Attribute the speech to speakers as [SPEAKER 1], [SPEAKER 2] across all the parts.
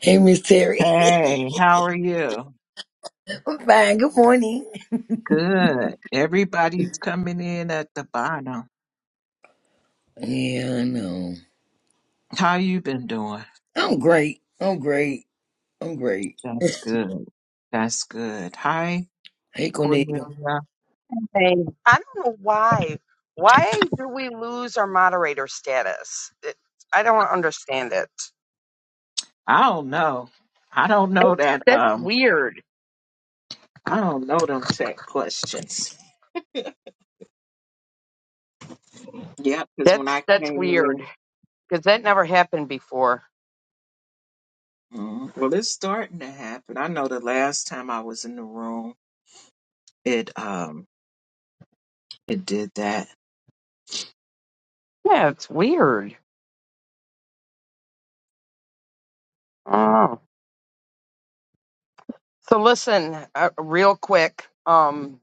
[SPEAKER 1] Hey, Miss Terry.
[SPEAKER 2] Hey, how are you?
[SPEAKER 1] I'm fine. Good morning.
[SPEAKER 2] Good. Everybody's coming in at the bottom.
[SPEAKER 1] Yeah, I know.
[SPEAKER 2] How you been doing?
[SPEAKER 1] I'm great. I'm great. I'm great.
[SPEAKER 2] That's good. That's good. Hi,
[SPEAKER 1] Hey, Cornelia.
[SPEAKER 2] Cornelia.
[SPEAKER 3] thing. I don't know why. Why do we lose our moderator status? It, I don't understand it.
[SPEAKER 2] I don't know. I don't know
[SPEAKER 3] That's
[SPEAKER 2] that
[SPEAKER 3] that's
[SPEAKER 2] um
[SPEAKER 3] weird.
[SPEAKER 2] I don't know them tech questions. Yeah, because when
[SPEAKER 3] That's
[SPEAKER 2] I
[SPEAKER 3] that's
[SPEAKER 2] came in,
[SPEAKER 3] weird because that never happened before.
[SPEAKER 2] Mhm. well it's starting to happen. I know the last time I was in the room it um it did that.
[SPEAKER 3] Yeah, it's weird. Oh, so listen, uh, real quick. Um,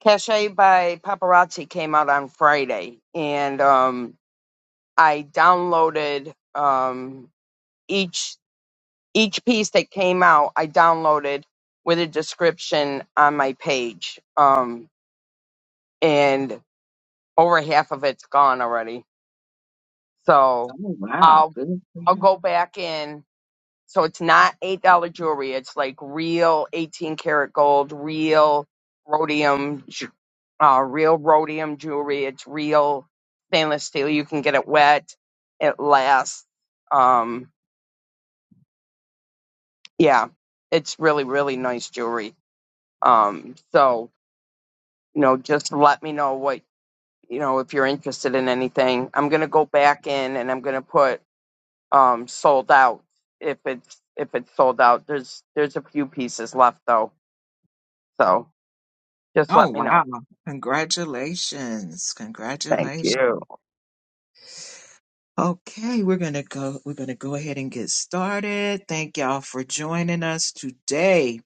[SPEAKER 3] Cache by Paparazzi came out on Friday, and um, I downloaded um each each piece that came out, I downloaded with a description on my page. Um, and over half of it's gone already.
[SPEAKER 2] Oh
[SPEAKER 3] So
[SPEAKER 2] wow,
[SPEAKER 3] I'll I'll
[SPEAKER 2] good.
[SPEAKER 3] go back in. So it's not eight dollar jewelry. It's like real eighteen karat gold, real rhodium, ju- uh, real rhodium jewelry. It's real stainless steel. You can get it wet. It lasts. Um, yeah, it's really really nice jewelry. Um, so you know, just let me know what, you know, if you're interested in anything. I'm going to go back in and I'm going to put um sold out if it's if it's sold out. There's there's a few pieces left though. So, just
[SPEAKER 2] Oh,
[SPEAKER 3] let me know.
[SPEAKER 2] wow. Congratulations.
[SPEAKER 3] Thank you.
[SPEAKER 2] Congratulations. Okay, we're going to go we're going to go ahead and get started. Thank y'all for joining us today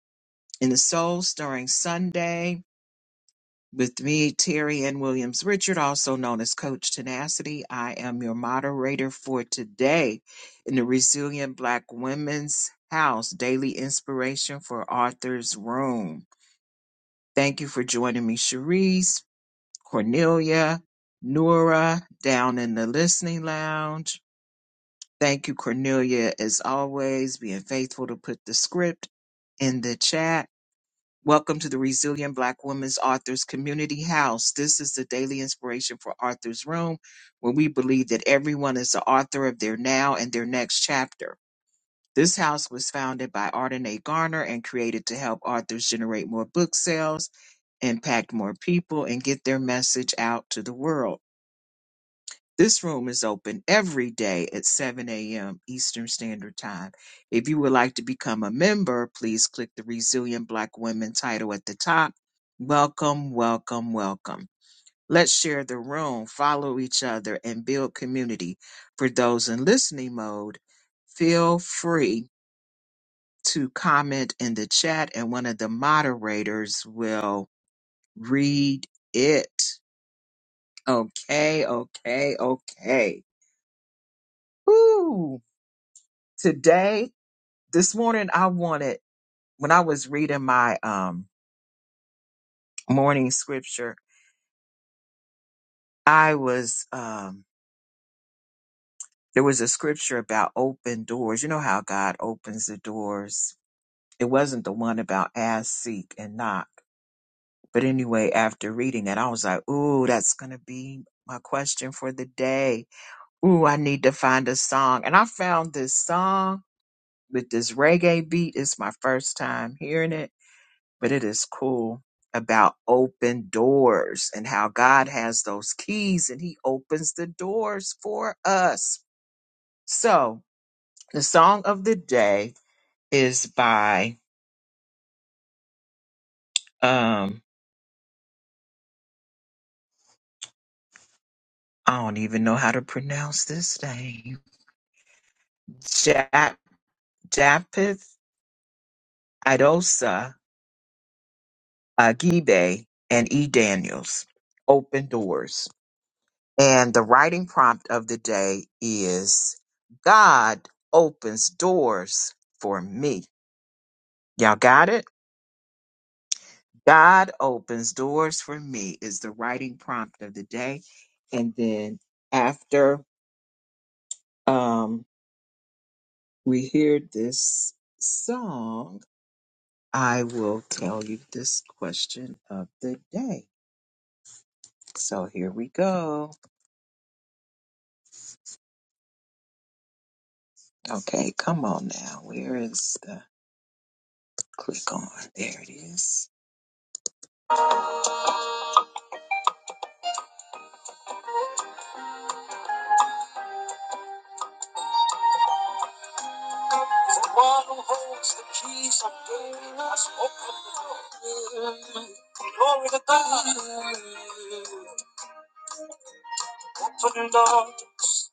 [SPEAKER 2] in the Soul Stirring Sunday with me Terry Ann Williams Richard, also known as Coach Tenacity. I am your moderator for today in the Resilient Black Women's House Daily Inspiration for Arthur's Room. Thank you for joining me, Cherise. Cornelia, Nora down in the listening lounge. Thank you, Cornelia, as always, being faithful to put the script in the chat. Welcome to the Resilient Black Women's Authors Community House. This is the daily inspiration for Arthur's Room, where we believe that everyone is the author of their now and their next chapter. This house was founded by Arden A. Garner and created to help authors generate more book sales, impact more people, and get their message out to the world. This room is open every day at 7 a.m. Eastern Standard Time. If you would like to become a member, please click the Resilient Black Women title at the top. Welcome, welcome, welcome. Let's share the room, follow each other, and build community. For those in listening mode, feel free to comment in the chat and one of the moderators will read it. Okay, okay, okay. Woo! Today, this morning, I wanted, when I was reading my um, morning scripture, I was, um, there was a scripture about open doors. You know how God opens the doors. It wasn't the one about ask, seek, and knock. But anyway, after reading it, I was like, ooh, that's going to be my question for the day. Ooh, I need to find a song. And I found this song with this reggae beat. It's my first time hearing it but it is cool about open doors and how God has those keys and he opens the doors for us. So the song of the day is by um I don't even know how to pronounce this name. Jap Japith Idosa Agibe and E. Daniels. Open doors. And the writing prompt of the day is God opens doors for me. Y'all got it? God opens doors for me is the writing prompt of the day. And then after um, we hear this song, I will tell you this question of the day. So here we go. Okay, come on now. Where is the click on? There it is. It's The one who holds the keys of David has opened the door. Glory to God. Open doors,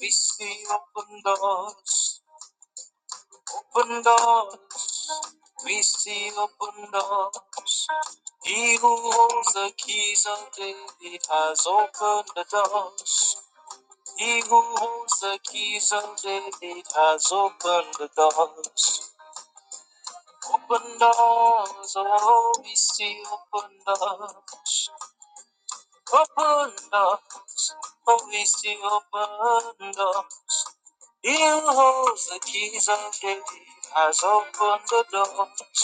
[SPEAKER 2] we see open doors, open doors, we see open doors. He who holds the keys of David has opened the doors. He who holds the keys of David has opened the doors. Open doors, oh, we see open doors. Open doors, oh, we see open doors. You holds the keys of death, has opened the doors.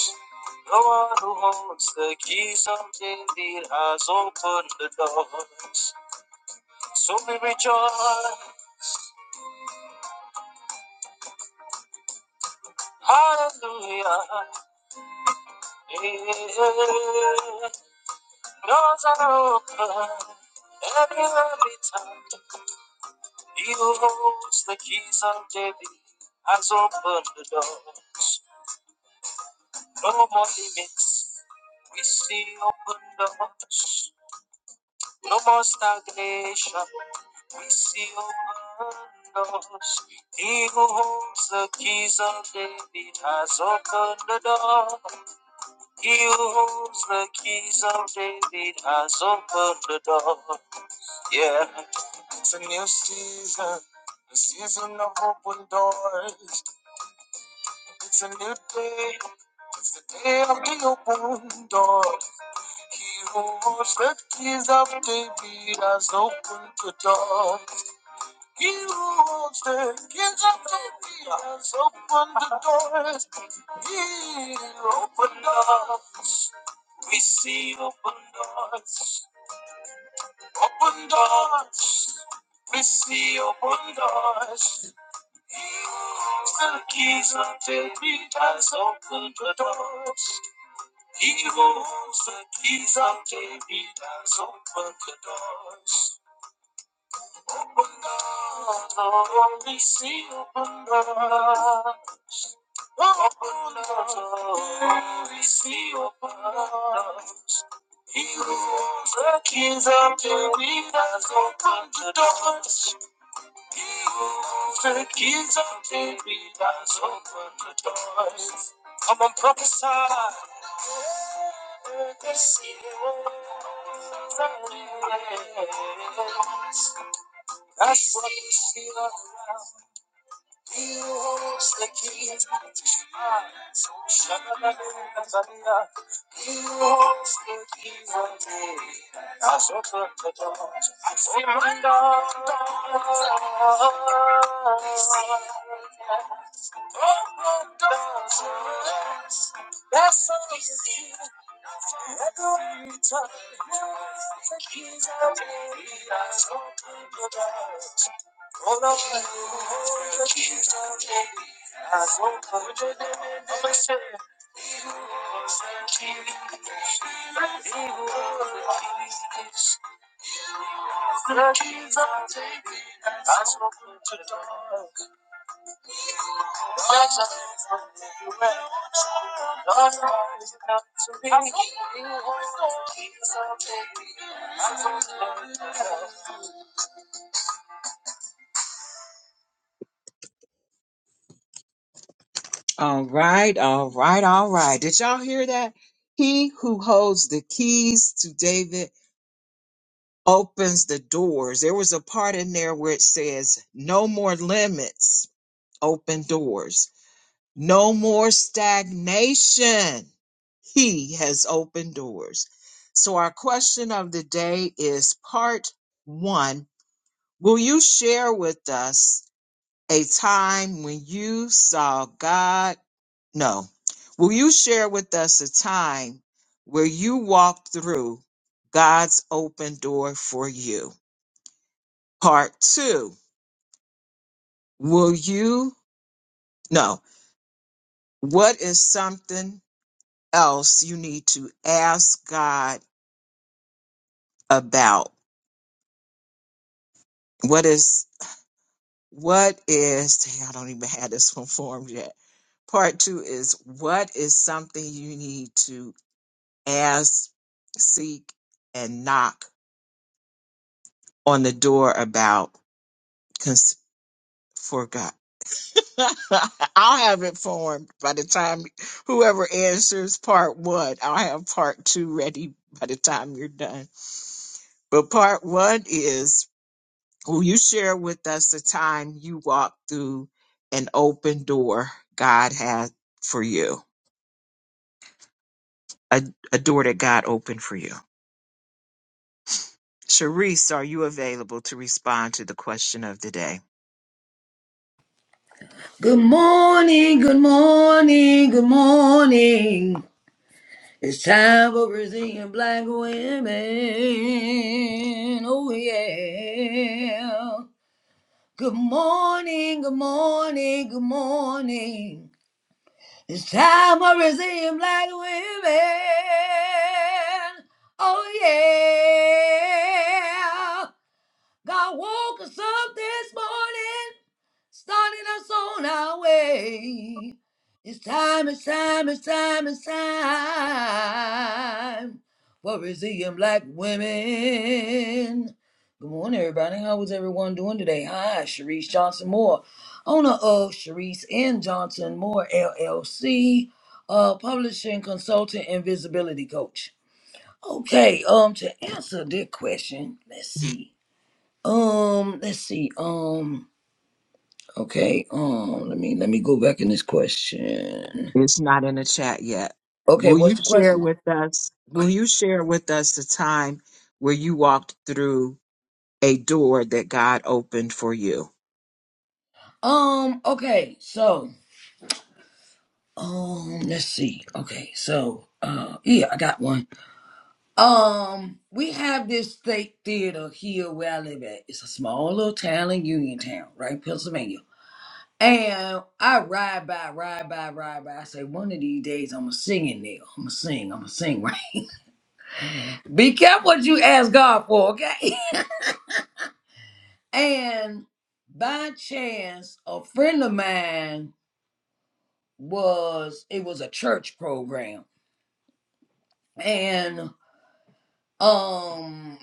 [SPEAKER 2] The one who holds the keys of David has opened the doors. So we rejoice, hallelujah. Yeah. Doors are open every, every time. He who holds the keys of David has opened the doors. No more limits, we see open doors. No more stagnation. We see open doors. He who holds the keys of David has opened the door. He who holds the keys of David has opened the door. Yeah. It's a new season. The season of open doors. It's a new day. It's the day of the open door. He who holds the keys of David has opened the door. He holds the keys of the kingdoms, open the doors. He open doors. We see open doors. Open doors. We see open doors. He holds the keys of the kingdoms, open the doors. He holds the keys of the kingdoms, open the doors. Only see open doors. Only see open doors. He holds the keys until we have opened the doors. He holds the keys until we have opened the doors. Come on, prophesy. This year, that's what we feel all around. He who holds the key Ah, so shabba-dabba-dabba-dabba. He who holds the key of me. That's what we're told. Oh my God. Oh, God. That's all you see. Echoing guitar, the keys are ready, eyes open, good eyes. Call out my name, the keys are ready, eyes open, good eyes. I'm a sinner, you was the key, you were the keys. The keys are ready, eyes open, good eyes. so All right, all right, all right. Did y'all hear that? He who holds the keys to David opens the doors. There was a part in there where it says, No more limits, open doors. No more stagnation. He has opened doors. So, our question of the day is part one Will you share with us a time when you saw God? No. Will you share with us a time where you walked through God's open door for you? Part two Will you? No. What is something else you need to ask God? about what is what is dang, I don't even have this one formed yet. Part two is what is something you need to ask, seek, and knock on the door about cons- for God. I'll have it formed by the time whoever answers part one. I'll have part two ready by the time you're done. But part one is Will you share with us a time you walked through an open door God had for you? A, a door that God opened for you. Sharice, are you available to respond to the question of the day?
[SPEAKER 1] Good morning. Good morning. Good morning. It's time for Brazilian black women. Oh, yeah. Good morning. Good morning. Good morning. It's time I resume like women. Oh yeah. God woke us up this morning, starting us on our way. It's time, it's time, it's time, it's time for resilient black women. Good morning, everybody. How was everyone doing today? Hi, Sharice Johnson Moore, owner of Sharice and Johnson Moore LLC, uh, publishing consultant and visibility coach. Okay, um, to answer that question, let's see. Um, let's see. Um, okay. Um, let me let me go back in this question.
[SPEAKER 2] It's not in the chat yet.
[SPEAKER 1] Okay,
[SPEAKER 2] Will you
[SPEAKER 1] what's the
[SPEAKER 2] share
[SPEAKER 1] question?
[SPEAKER 2] with us? Will you share with us the time where you walked through a door that God opened for you?
[SPEAKER 1] Um, okay. So, um, let's see. Okay. So, uh, yeah, I got one. Um, we have this state theater here where I live at. It's a small little town in Uniontown, right, Pennsylvania. And I ride by, ride by, ride by. I say, one of these days I'm gonna sing in there. I'm gonna sing. I'm gonna sing. Right. Be careful what you ask God for, okay? And by chance, a friend of mine was it was a church program, and um,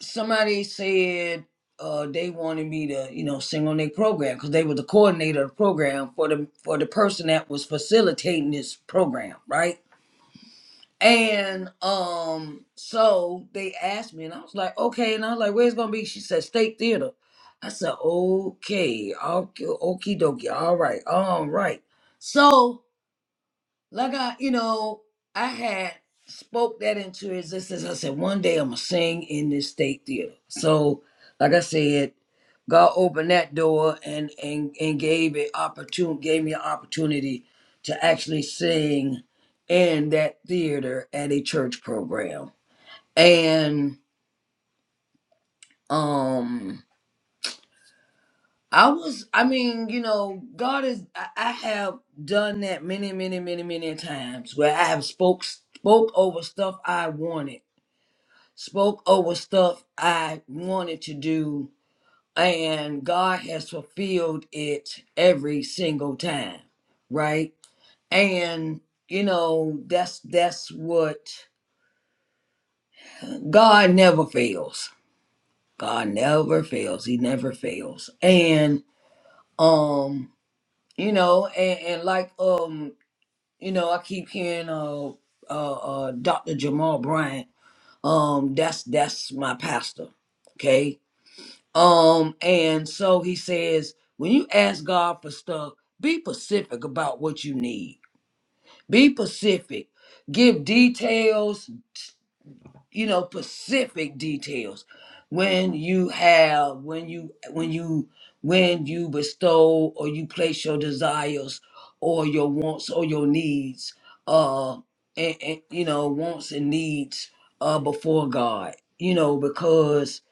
[SPEAKER 1] somebody said uh they wanted me to you know sing on their program because they were the coordinator of the program for the for the person that was facilitating this program, right? And um, so they asked me, and I was like, okay. And I was like, where's it gonna be? She said, State Theater. I said, okay, okay, okie dokie, all right, all right. So like I, you know, I had spoke that into existence. I said, one day I'm gonna sing in this state theater. So, like I said, God opened that door and and and gave it opportunity, gave me an opportunity to actually sing in that theater at a church program. And um I was, I mean, you know, God is, I, I have done that many, many, many, many times where I have spoke, spoke over stuff I wanted, spoke over stuff I wanted to do, and God has fulfilled it every single time, right? And, you know, that's, that's what God never fails. God never fails. He never fails. And, um, you know, and, and like, um, You know, I keep hearing uh uh, uh Dr. Jamal Bryant. Um that's that's my pastor. Okay? Um and so he says when you ask God for stuff, be specific about what you need. Be specific. Give details, you know specific details when you have when you when you when you bestow or you place your desires or your wants or your needs uh and, and you know wants and needs uh before god you know because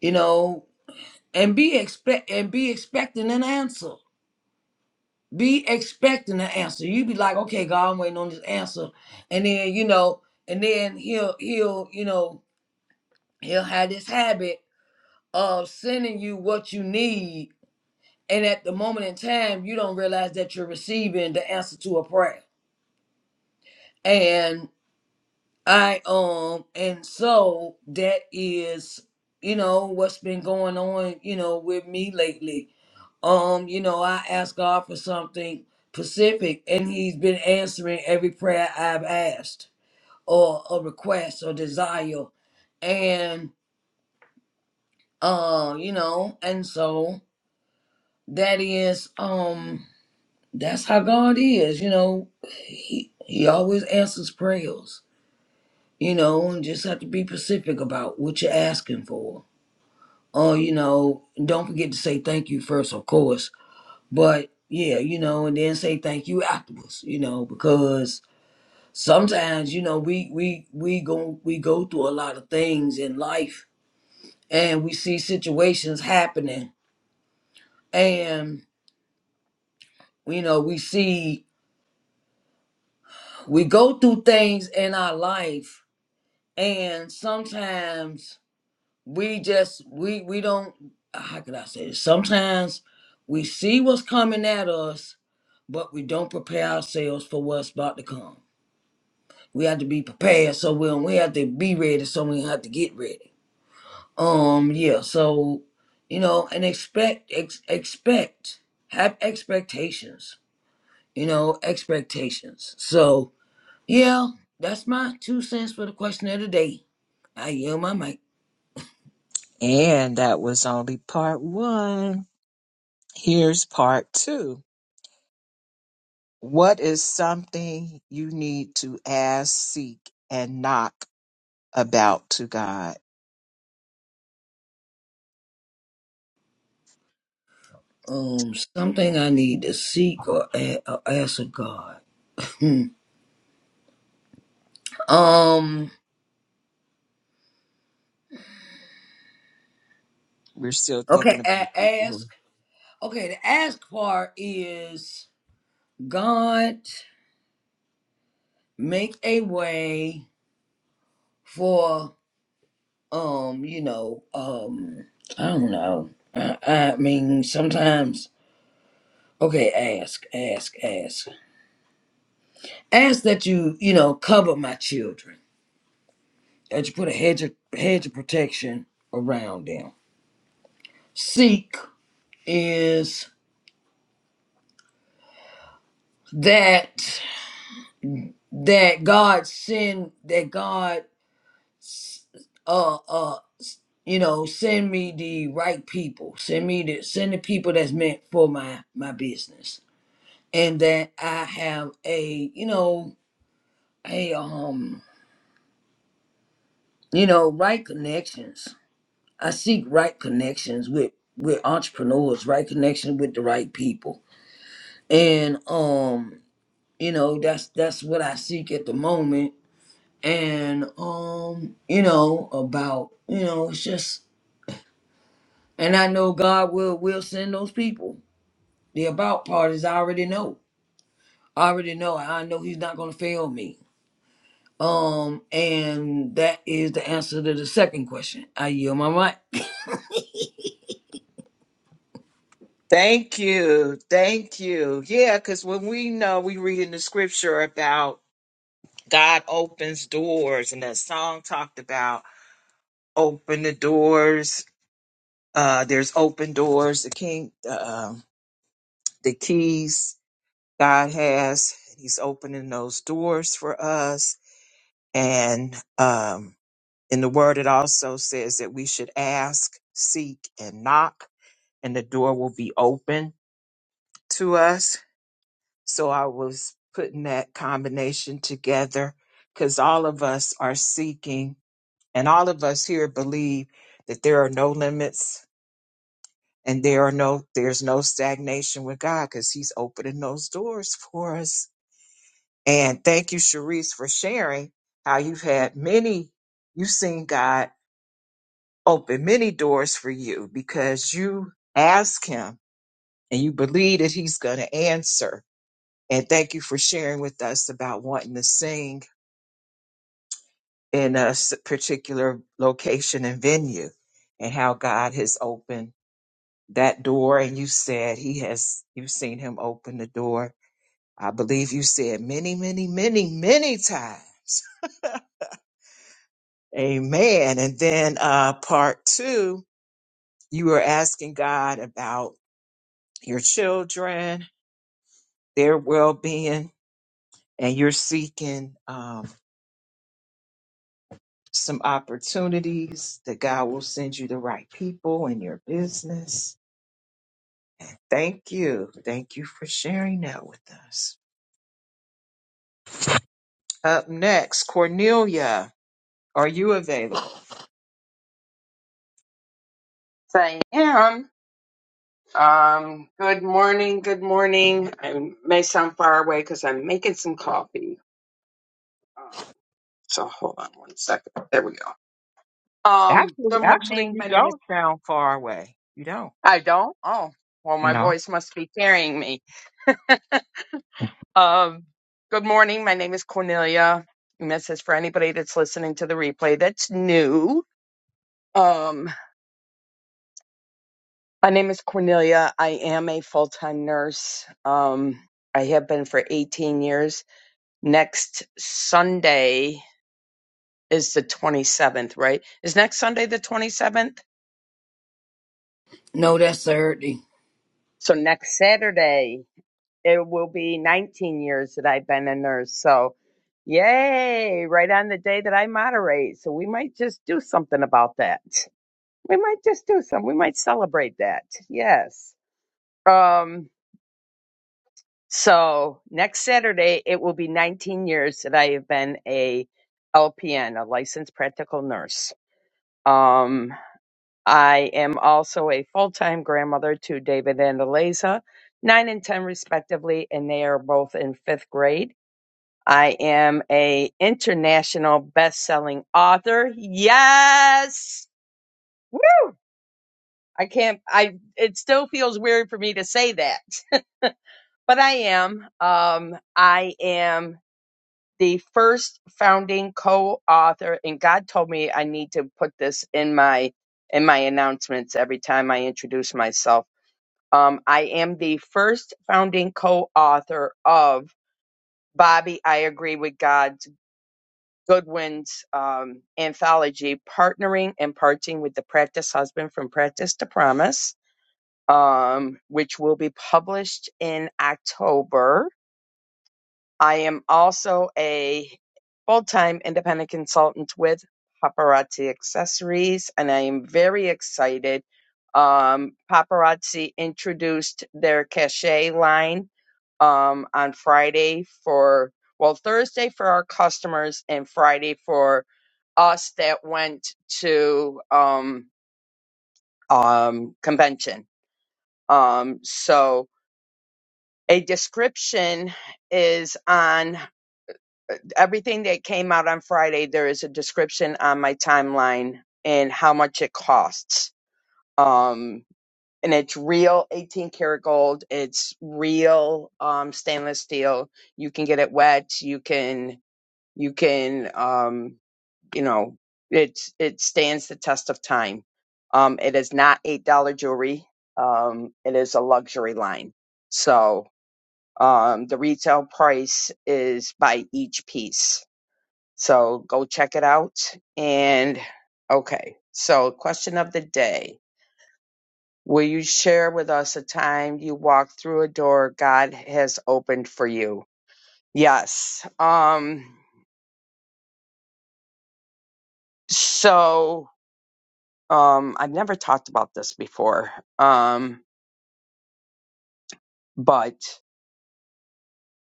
[SPEAKER 1] you know and be expect and be expecting an answer be expecting an answer you be like okay god i'm waiting on this answer and then you know and then he'll he'll you know he'll have this habit of sending you what you need and at the moment in time you don't realize that you're receiving the answer to a prayer and i um and so that is you know what's been going on you know with me lately um you know i asked god for something specific and he's been answering every prayer i've asked or a request or desire and uh, you know and so that is um that's how god is you know he he always answers prayers you know and just have to be specific about what you're asking for oh you know don't forget to say thank you first of course but yeah you know and then say thank you afterwards you know because sometimes you know we we we go we go through a lot of things in life and we see situations happening and you know we see we go through things in our life and sometimes we just we we don't how could i say this sometimes we see what's coming at us but we don't prepare ourselves for what's about to come we have to be prepared so we we have to be ready so we have to get ready um yeah so you know and expect ex- expect have expectations you know expectations so Yeah, that's my two cents for the question of the day. I yield my mic.
[SPEAKER 2] And that was only part one. Here's part two. What is something you need to ask, seek, and knock about to God?
[SPEAKER 1] Um, something I need to seek or, a- or ask of God. Hmm. Um,
[SPEAKER 2] We're still
[SPEAKER 1] okay,
[SPEAKER 2] thinking about
[SPEAKER 1] a-
[SPEAKER 2] this.
[SPEAKER 1] ask.
[SPEAKER 2] Lord.
[SPEAKER 1] Okay, the ask part is God make a way for um, you know, um, I don't know. I, I mean, sometimes. Okay, ask, ask, ask, ask that you you know cover my children that you put a hedge of, hedge of protection around them. Seek is that that God send that God s- uh uh s- you know send me the right people send me the send the people that's meant for my my business and that I have a you know a um you know right connections I seek right connections with with entrepreneurs right connections with the right people and um you know that's that's what i seek at the moment and um you know about you know it's just and i know god will will send those people the about part is i already know i already know i know he's not going to fail me um and that is the answer to the second question i yield my mic
[SPEAKER 2] Thank you. Thank you. Yeah, because when we know we read in the scripture about God opens doors, and that song talked about open the doors. Uh, there's open doors. The king, uh, um, the keys God has. He's opening those doors for us. And um, in the Word, it also says that we should ask, seek, and knock, and the door will be open to us. So I was putting that combination together because all of us are seeking And all of us here believe that there are no limits and there are no there's no stagnation with God because He's opening those doors for us. And thank you, Sharice, for sharing how you've had many, you've seen God open many doors for you because you ask Him and you believe that He's going to answer. And thank you for sharing with us about wanting to sing in a s- particular location and venue and how God has opened that door and you said he has you've seen him open the door i believe you said many many many many times amen and then uh part two you were asking god about your children their well-being and you're seeking um some opportunities that god will send you the right people in your business thank you thank you for sharing that with us up next cornelia are you available
[SPEAKER 3] Sam, um good morning, good morning. I may sound far away cuz I'm making some coffee. Uh, So, hold on one second. There we go. Um
[SPEAKER 2] Actually,
[SPEAKER 3] good
[SPEAKER 2] actually,
[SPEAKER 3] morning.
[SPEAKER 2] you
[SPEAKER 3] My name is
[SPEAKER 2] don't sound far away. You don't.
[SPEAKER 3] I don't. Oh, well my
[SPEAKER 2] No.
[SPEAKER 3] voice must be carrying me. Um, good morning. My name is Cornelia. And This is for anybody that's listening to the replay that's new. Um, my name is Cornelia. I am a full time nurse. Um, I have been for 18 years. Next Sunday is the 27th, right? Is next Sunday the 27th?
[SPEAKER 1] no that's sir
[SPEAKER 3] So next Saturday, it will be 19 years that I've been a nurse. So yay, right on the day that I moderate. So we might just do something about that. we might just do some. We might celebrate that. Yes. Um, so next Saturday, it will be 19 years that I have been a LPN, a licensed practical nurse. Um, I am also a full-time grandmother to David and Eliza, nine and 10 respectively, and they are both in fifth grade. I am a international best-selling author. Yes. Woo! I can't, I, it still feels weird for me to say that, but I am. Um, I am the first founding co-author and God told me I need to put this in my, in my announcements every time I introduce myself. Um, I am the first founding co-author of Bobby, I agree with God's Goodwin's um, anthology, partnering and parting with the practice husband from practice to promise um, which will be published in October. I am also a full time independent consultant with Paparazzi Accessories, and I am very excited. Um, Paparazzi introduced their cachet line um, on Friday for, well, Thursday for our customers and Friday for us that went to um, um, convention. Um, so a description is on everything that came out on Friday. There is a description on my timeline and how much it costs. Um, and it's real 18 karat gold. It's real um, stainless steel. You can get it wet. You can you can um, you know it's it stands the test of time. Um, it is not eight dollar jewelry. Um, it is a luxury line. So um, the retail price is by each piece. So go check it out. And okay, so question of the day. Will you share with us a time you walked through a door God has opened for you? Yes. Um, so um, I've never talked about this before, um, but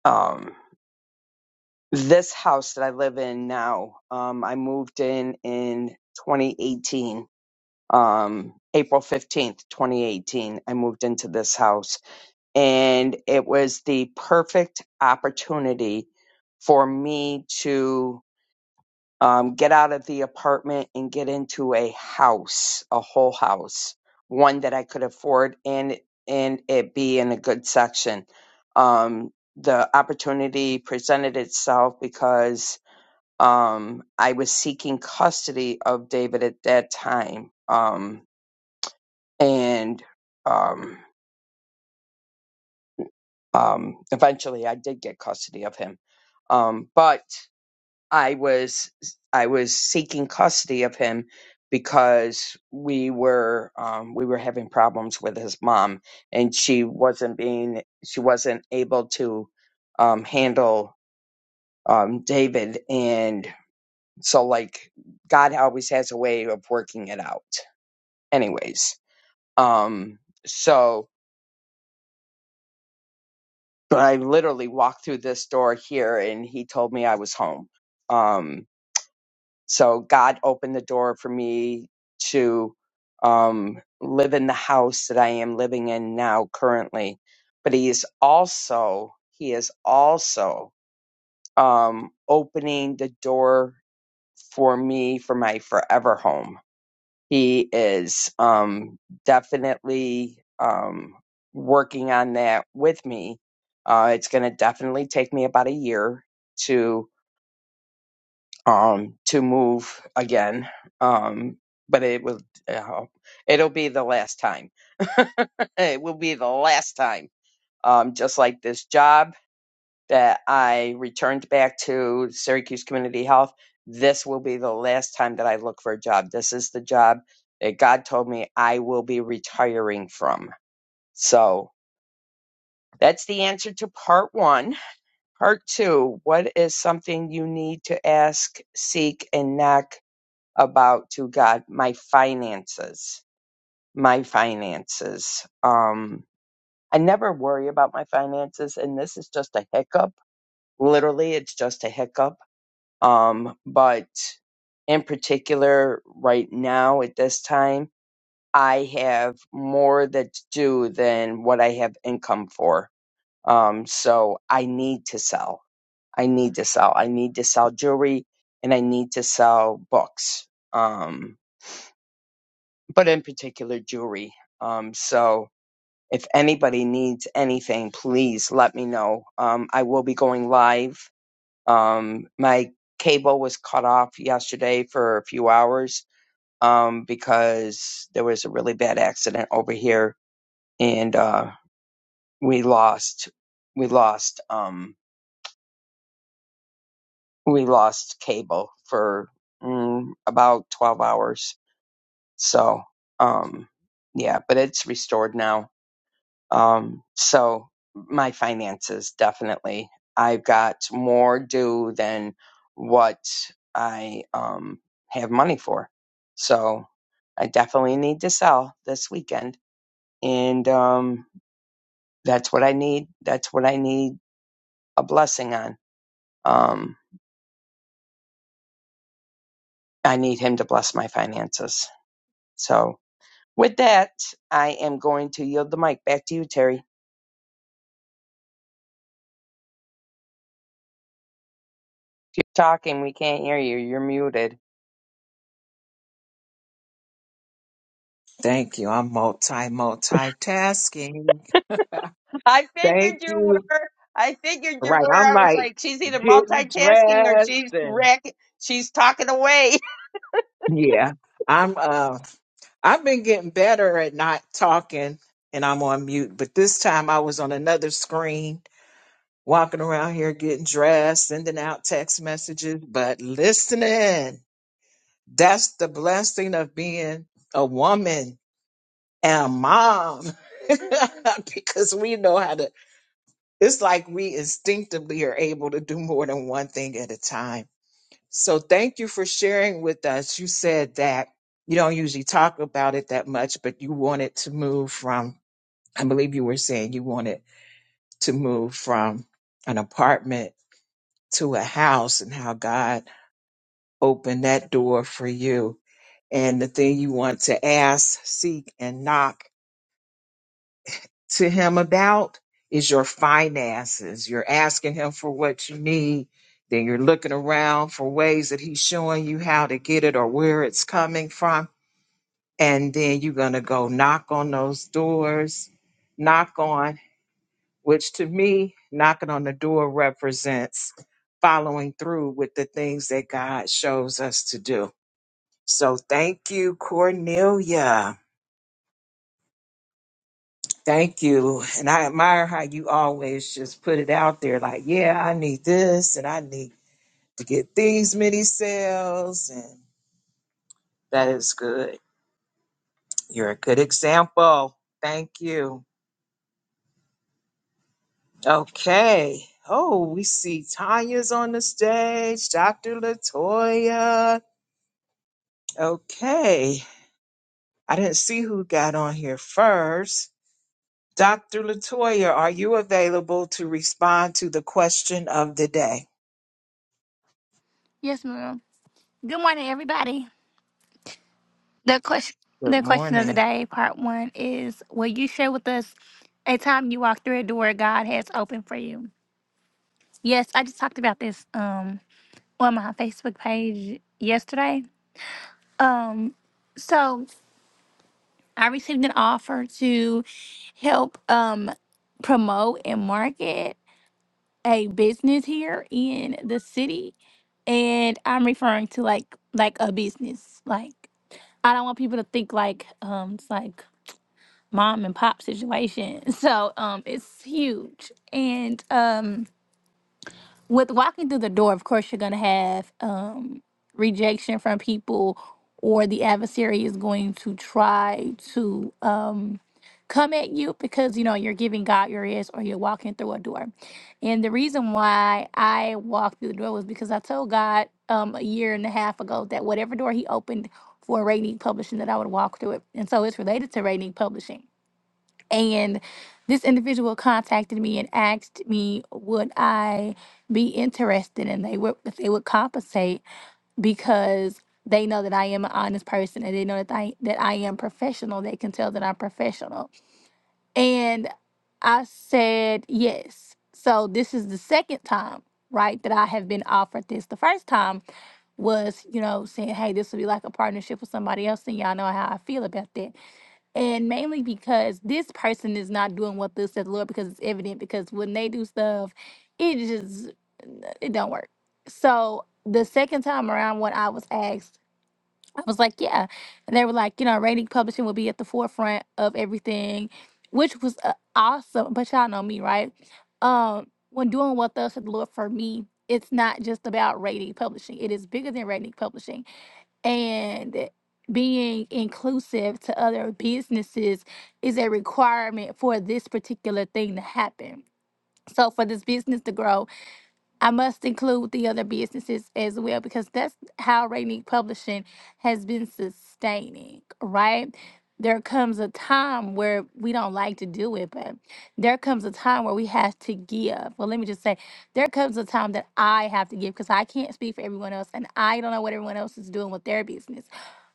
[SPEAKER 3] um, this house that I live in now, um, I moved in in 2018 um, April 15th, 2018, I moved into this house. And it was the perfect opportunity for me to um, get out of the apartment and get into a house, a whole house, one that I could afford and, and it be in a good section. Um, the opportunity presented itself because um, I was seeking custody of David at that time. Um, and um, um, eventually I did get custody of him. Um, but I was I was seeking custody of him because we were um, we were having problems with his mom, and she wasn't being she wasn't able to um, handle um, David, and so like God always has a way of working it out. Anyways, um, so but I literally walked through this door here and he told me I was home. Um, so God opened the door for me to um, live in the house that I am living in now currently. But he is also, he is also um, opening the door for me for my forever home he is um, definitely um, working on that with me. Uh, it's going to definitely take me about a year to um, to move again, um, but it will uh, it'll be the last time. it will be the last time. Um, just like this job that I returned back to Syracuse Community Health. This will be the last time that I look for a job. This is the job that God told me I will be retiring from. So that's the answer to part one. Part two What is something you need to ask, seek, and knock about to God? My finances. My finances. Um, I never worry about my finances, and this is just a hiccup. Literally, it's just a hiccup Um, but in particular, right now at this time, I have more that's due than what I have income for. Um, so I need to sell. I need to sell. I need to sell jewelry and I need to sell books. Um, but in particular, jewelry. Um, so if anybody needs anything, please let me know. Um, I will be going live um, my cable was cut off yesterday for a few hours um, because there was a really bad accident over here, and uh, we lost we lost um, we lost cable for mm, about twelve hours. So um, yeah, but it's restored now Um, so my finances definitely. I've got more due than what I um, have money for. So I definitely need to sell this weekend. And um, that's what I need. That's what I need a blessing on. Um, I need him to bless my finances. So with that, I am going to yield the mic back to you, Terry. If you're talking, we can't hear you. You're muted.
[SPEAKER 2] Thank you. I'm multi multitasking.
[SPEAKER 3] I
[SPEAKER 2] Thank
[SPEAKER 3] figured you
[SPEAKER 2] you.
[SPEAKER 3] were. I figured you
[SPEAKER 2] Right.
[SPEAKER 3] were.
[SPEAKER 2] I'm
[SPEAKER 3] I was
[SPEAKER 2] like
[SPEAKER 3] like, she's either
[SPEAKER 2] getting
[SPEAKER 3] multitasking or she's
[SPEAKER 2] dressed and
[SPEAKER 3] wreck. She's talking away.
[SPEAKER 2] Yeah. I'm uh I've been getting better at not talking and I'm on mute, but this time I was on another screen walking around here getting dressed, sending out text messages, but listening. That's the blessing of being a woman. and mom because we know how to it's like we instinctively are able to do more than one thing at a time so thank you for sharing with us you said that you don't usually talk about it that much but you wanted to move from i believe you were saying you wanted to move from an apartment to a house and how god opened that door for you and the thing you want to ask seek and knock to him about is your finances. You're asking him for what you need, then you're looking around for ways that he's showing you how to get it or where it's coming from. And then you're going to go knock on those doors, knock on, which to me, knocking on the door represents following through with the things that God shows us to do. So thank you, Cornelia. Thank you. And I admire how you always just put it out there like, yeah, I need this and I need to get these many sales. And that is good. You're a good example. Thank you. Okay. Oh, we see Tanya's on the stage, Dr. Latoya. Okay. I didn't see who got on here first. Dr. Latoya, are you available to respond to the question of the day?
[SPEAKER 4] Yes, ma'am. Good morning, everybody. The question,
[SPEAKER 2] Good
[SPEAKER 4] the question of the
[SPEAKER 2] morning.
[SPEAKER 4] day, part one, is: Will you share with us a time you walked through a door God has opened for you? Yes, I just talked about this um on my Facebook page yesterday. Um, so I received an offer to help um promote and market a business here in the city, and I'm referring to like like a business like. I don't want people to think like um it's like mom and pop situation. So um it's huge. And um with walking through the door, of course, you're going to have um, rejection from people, or the adversary is going to try to um, come at you because you know you're giving God your ears or you're walking through a door. And the reason why I walked through the door was because I told God um, a year and a half ago that whatever door He opened for Rainy Publishing, that I would walk through it. And so it's related to Rainy Publishing and this individual contacted me and asked me would I be interested and they would if they would compensate because they know that I am an honest person and they know that I that I am professional. They can tell that I'm professional. And I said yes. So this is the second time, right, that I have been offered this. The first time was, you know, saying, Hey, this would be like a partnership with somebody else and y'all know how I feel about that. And mainly because this person is not doing what thus said the Lord because it's evident because when they do stuff, it just it don't work. So the second time around when I was asked, I was like, Yeah. And they were like, you know, rating publishing will be at the forefront of everything, which was uh, awesome. But y'all know me, right? Um, when doing what thus said the Lord for me, it's not just about rating publishing. It is bigger than rating publishing and being inclusive to other businesses is a requirement for this particular thing to happen. So for this business to grow, I must include the other businesses as well because that's how Rainy Publishing has been sustaining, right? There comes a time where we don't like to do it, but there comes a time where we have to give. Well, let me just say, there comes a time that I have to give because I can't speak for everyone else and I don't know what everyone else is doing with their business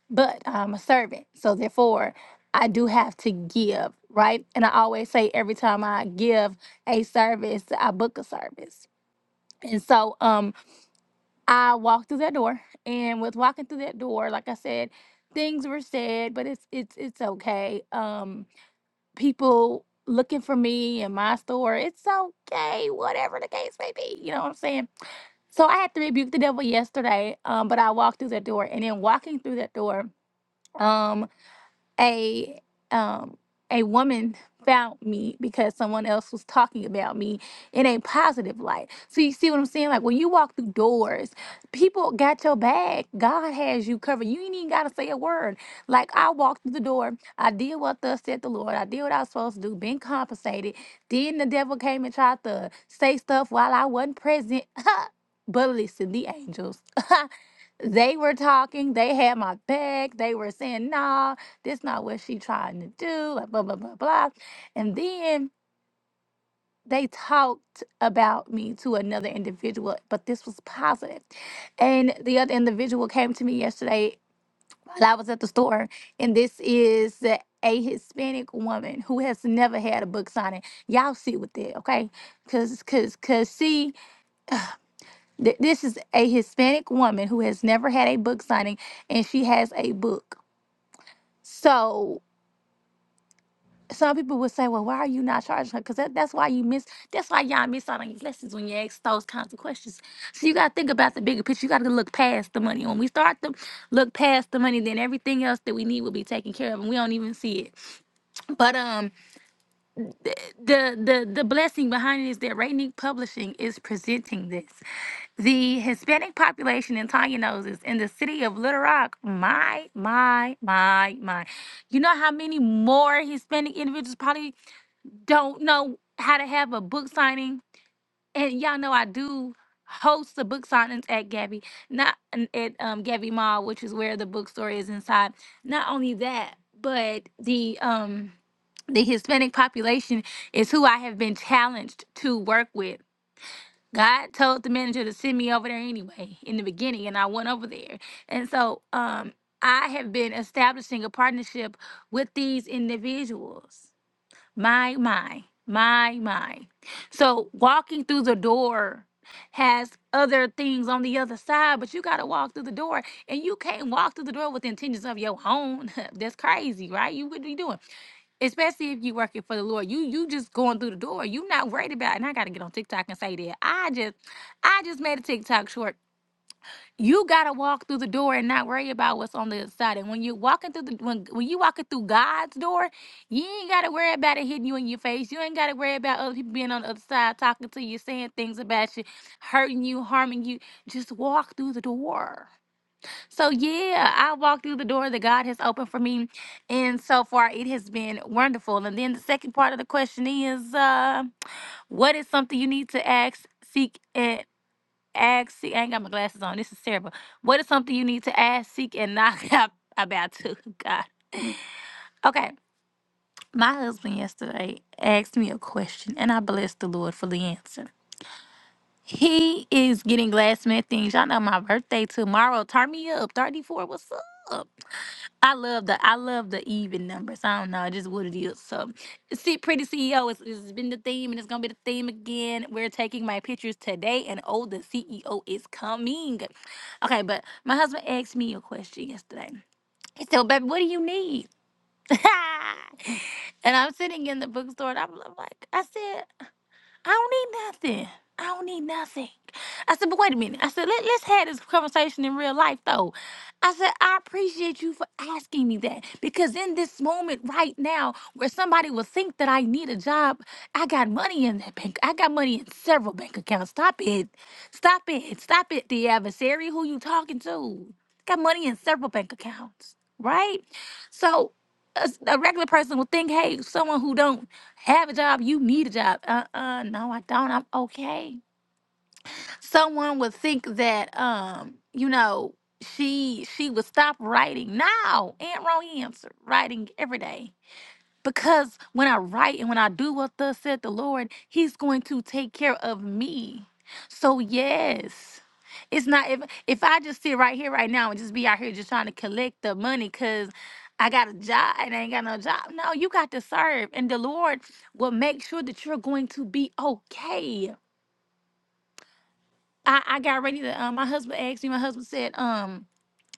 [SPEAKER 4] but I'm a servant. So therefore, I do have to give, right? And I always say every time I give a service, I book a service. And so um I walked through that door and with walking through that door, like I said, things were said, but it's it's it's okay. Um people looking for me in my store, it's okay, whatever the case may be. You know what I'm saying? So I had to rebuke the devil yesterday, um, but I walked through that door and in walking through that door. um a um a woman found me because someone else was talking about me in a positive light. So you see what I'm saying? Like when you walk through doors, people got your back. God has you covered. You ain't even gotta say a word. Like I walked through the door, I did what thus said the Lord. I did what I was supposed to do, been compensated. Then the devil came and tried to say stuff while I wasn't present. but listen, the angels. They were talking, they had my back, they were saying, nah, this not what she trying to do, like blah, blah, blah, blah. And then they talked about me to another individual, but this was positive. And the other individual came to me yesterday while I was at the store, and this is a Hispanic woman who has never had a book signing. Y'all see with that, okay? Cause, cause, cause, see, th- this is a Hispanic woman who has never had a book signing, and she has a book. So some people would say, well, why are you not charging her? Because that, that's why you miss, that's why y'all miss out on your blessings when you ask those kinds of questions. So you got to think about the bigger picture. You got to look past the money. When we start to look past the money, then everything else that we need will be taken care of and we don't even see it. But, um, the the the blessing behind it is that Rainique Publishing is presenting this. The Hispanic population in Tanya knows is in the city of Little Rock. My my my my, you know how many more Hispanic individuals probably don't know how to have a book signing and y'all know I do host the book signings at Gabby, not n- at um, Gabby Mall, which is where the bookstore is inside. Not only that, but the um the Hispanic population is who I have been challenged to work with. God told the manager to send me over there anyway in the beginning, and I went over there. And so um, I have been establishing a partnership with these individuals. My, my, my, my. So walking through the door has other things on the other side, but you got to walk through the door and you can't walk through the door with intentions of your own. That's crazy, right? You wouldn't be doing, especially if you working for the Lord. You, you just going through the door. You not worried about, and I got to get on TikTok and say that I just, I just made a TikTok short you gotta walk through the door and not worry about what's on the other side. And when you're walking through the when when you walking through God's door, you ain't gotta worry about it hitting you in your face. You ain't gotta worry about other people being on the other side talking to you, saying things about you, hurting you, harming you. Just walk through the door. So yeah, I walked through the door that God has opened for me, and so far it has been wonderful. And then the second part of the question is, uh, what is something you need to ask, seek, and ask, seek. I ain't got my glasses on. This is terrible. What is something you need to ask, seek, and knock out about to God? Okay. My husband yesterday asked me a question, and I blessed the Lord for the answer. He is getting glass man things. Y'all know my birthday tomorrow. Turn me up. 34. What's up? I love the I love the even numbers. I don't know, it's just what it is. So, see, pretty CEO is has been the theme, and it's gonna be the theme again. We're taking my pictures today, and oh, the CEO is coming. Okay, but my husband asked me a question yesterday. He said, "Baby, what do you need?" and I'm sitting in the bookstore, and I'm, I'm like, I said. I don't need nothing. I don't need nothing. I said, but wait a minute. I said, Let, let's have this conversation in real life, though. I said, I appreciate you for asking me that because in this moment right now where somebody will think that I need a job, I got money in that bank. I got money in several bank accounts. Stop it. Stop it. Stop it, the adversary. Who you talking to? Got money in several bank accounts, right? So a, s- a regular person will think, hey, someone who don't have a job, you need a job. Uh-uh, no, I don't. I'm okay. Someone would think that um, you know, she she would stop writing. No, Aunt Roe answered writing every day. Because when I write and when I do what thus said the Lord, He's going to take care of me. So yes. It's not if if I just sit right here right now and just be out here just trying to collect the money because I got a job and I ain't got no job. No, you got to serve. And the Lord will make sure that you're going to be okay. I, I got ready to um my husband asked me, my husband said, um,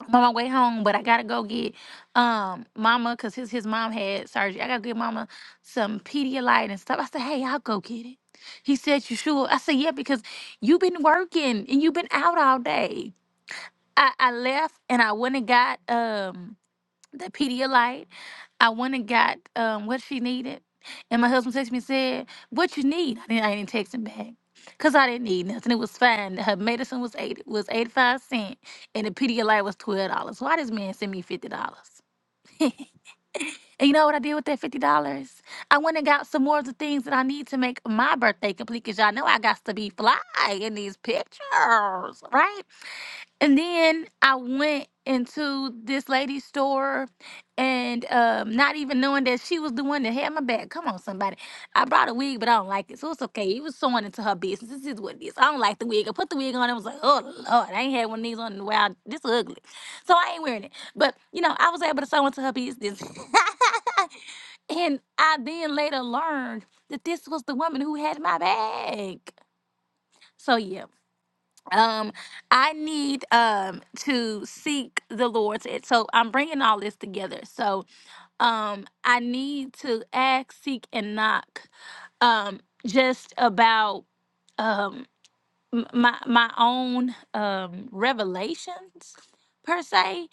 [SPEAKER 4] I'm on my way home, but I gotta go get um mama because his his mom had surgery. I gotta get mama some Pedialyte and stuff. I said, hey, I'll go get it. He said, you sure? I said, yeah, because you've been working and you've been out all day. I, I left and I went and got um the Pedialyte. I went and got um, what she needed, and my husband texted me and said, "What you need?" I didn't, I didn't text him back because I didn't need nothing. It was fine. Her medicine was eight was eighty five cent, and the Pedialyte was twelve dollars. Why this man send me fifty dollars? and you know what I did with that fifty dollars? I went and got some more of the things that I need to make my birthday complete. Cause y'all know I got to be fly in these pictures, right? And then I went into this lady's store and um, not even knowing that she was the one that had my bag. Come on, somebody. I brought a wig, but I don't like it. So it's okay. It was sewing into her business. This is what it is. I don't like the wig. I put the wig on and was like, oh, Lord, I ain't had one of these on in a while. This ugly. So I ain't wearing it. But, you know, I was able to sew into her business. and I then later learned that this was the woman who had my bag. So, yeah um i need um to seek the lord to- so i'm bringing all this together so um i need to ask seek and knock um just about um m- my my own um revelations per se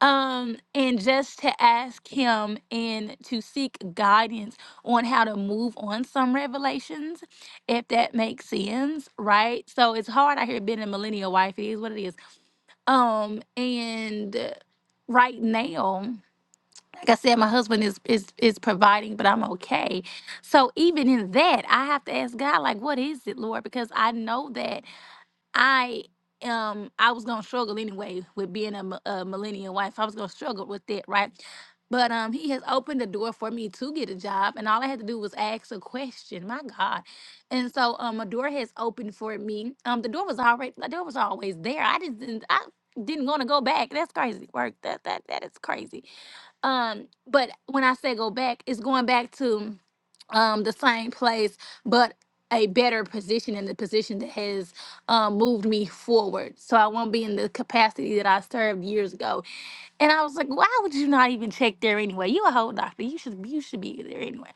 [SPEAKER 4] um and just to ask him and to seek guidance on how to move on some revelations if that makes sense right so it's hard out here being a millennial wife it is what it is um and uh, right now like i said my husband is is is providing but i'm okay so even in that i have to ask god like what is it lord because i know that I um I was gonna struggle anyway with being a, mi- a millennial wife. I was gonna struggle with that, right? But um, he has opened the door for me to get a job, and all I had to do was ask a question. My God, and so um, a door has opened for me. Um, the door was already the door was always there. I just didn't I didn't want to go back. That's crazy work. That that that is crazy. Um, but when I say go back, it's going back to um the same place, but a better position and the position that has um, moved me forward. So I won't be in the capacity that I served years ago. And I was like, why would you not even check there anyway? You a whole doctor. You should you should be there anyway.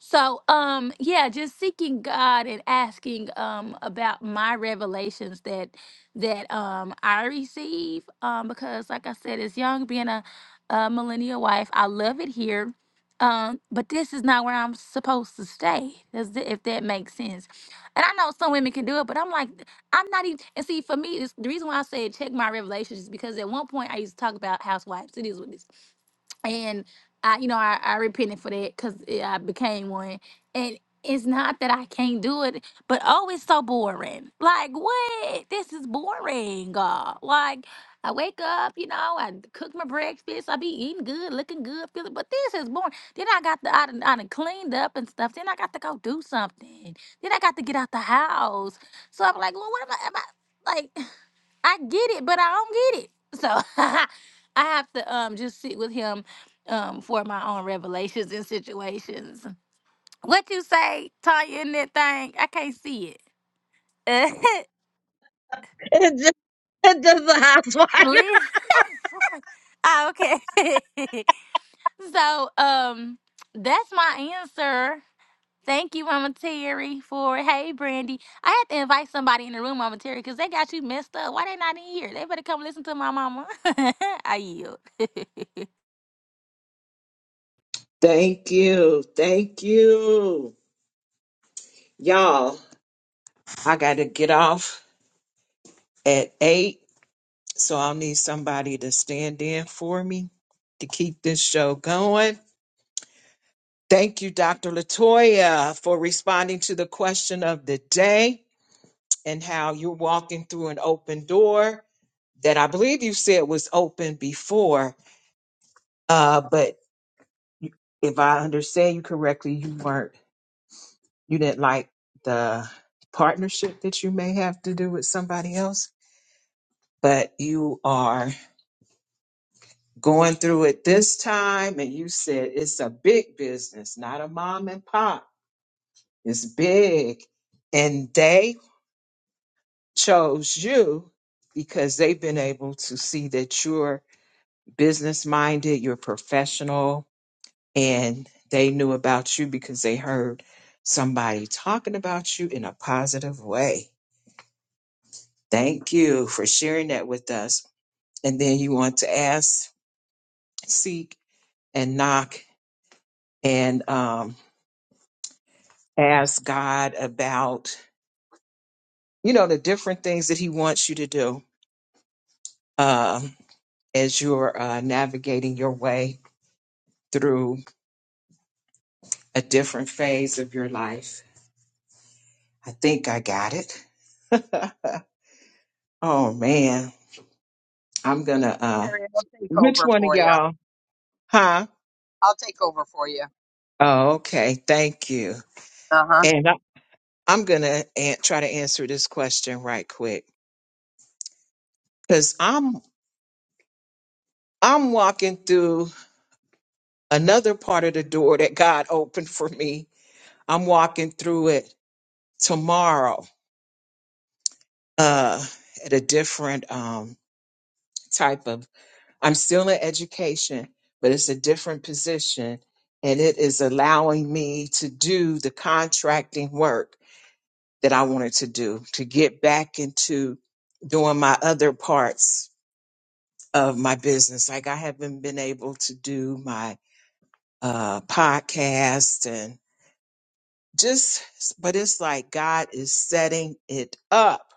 [SPEAKER 4] So, um, yeah, just seeking God and asking um about my revelations that that um I receive um because like I said, as young being a, a millennial wife, I love it here. Um, but this is not where I'm supposed to stay. Does th- if that makes sense? And I know some women can do it, but I'm like, I'm not even. And see, for me, it's, the reason why I said check my revelations is because at one point I used to talk about housewives. It is what it is and I, you know, I, I repented for that because I became one. And it's not that I can't do it, but oh, it's so boring. Like what? This is boring, God. Like I wake up, you know, I cook my breakfast, I be eating good, looking good, feeling. But this is boring. Then I got the I done, I done cleaned up and stuff. Then I got to go do something. Then I got to get out the house. So I'm like, well, what am I? Am I like? I get it, but I don't get it. So I have to um just sit with him um for my own revelations and situations. What you say, Tanya, in that thing? I can't see it.
[SPEAKER 5] It just, it just a house
[SPEAKER 4] Listen. Ah, okay. so um that's my answer. Thank you, Mama Terry, for hey Brandy. I had to invite somebody in the room, Mama Terry, because they got you messed up. Why they not in here? They better come listen to my mama. I yield.
[SPEAKER 2] Thank you. Thank you. Y'all, I got to get off at eight, so I'll need somebody to stand in for me to keep this show going. Thank you, Dr. Latoya, for responding to the question of the day and how you're walking through an open door that I believe you said was open before, uh, but if I understand you correctly, you weren't you didn't like the partnership that you may have to do with somebody else, but you are going through it this time and you said it's a big business, not a mom and pop. It's big. And they chose you because they've been able to see that you're business minded, you're professional, and they knew about you because they heard somebody talking about you in a positive way. Thank you for sharing that with us. And then you want to ask, seek, and knock, and um, ask God about, you know, the different things that He wants you to do um, as you're uh, navigating your way through a different phase of your life. I think I got it. oh man, I'm gonna. Uh,
[SPEAKER 3] Terry, I'll take
[SPEAKER 2] Which
[SPEAKER 3] over
[SPEAKER 2] one of
[SPEAKER 3] for you.
[SPEAKER 2] y'all? Huh?
[SPEAKER 3] I'll take over for you.
[SPEAKER 2] Oh, okay. Thank you.
[SPEAKER 3] Uh huh.
[SPEAKER 2] And I, I'm gonna an- try to answer this question right quick. because I'm I'm walking through another part of the door that God opened for me. I'm walking through it tomorrow uh, at a different um, type of. I'm still in education, but it's a different position, and it is allowing me to do the contracting work that I wanted to do to get back into doing my other parts of my business. Like I haven't been able to do my uh, podcast and just, but it's like God is setting it up.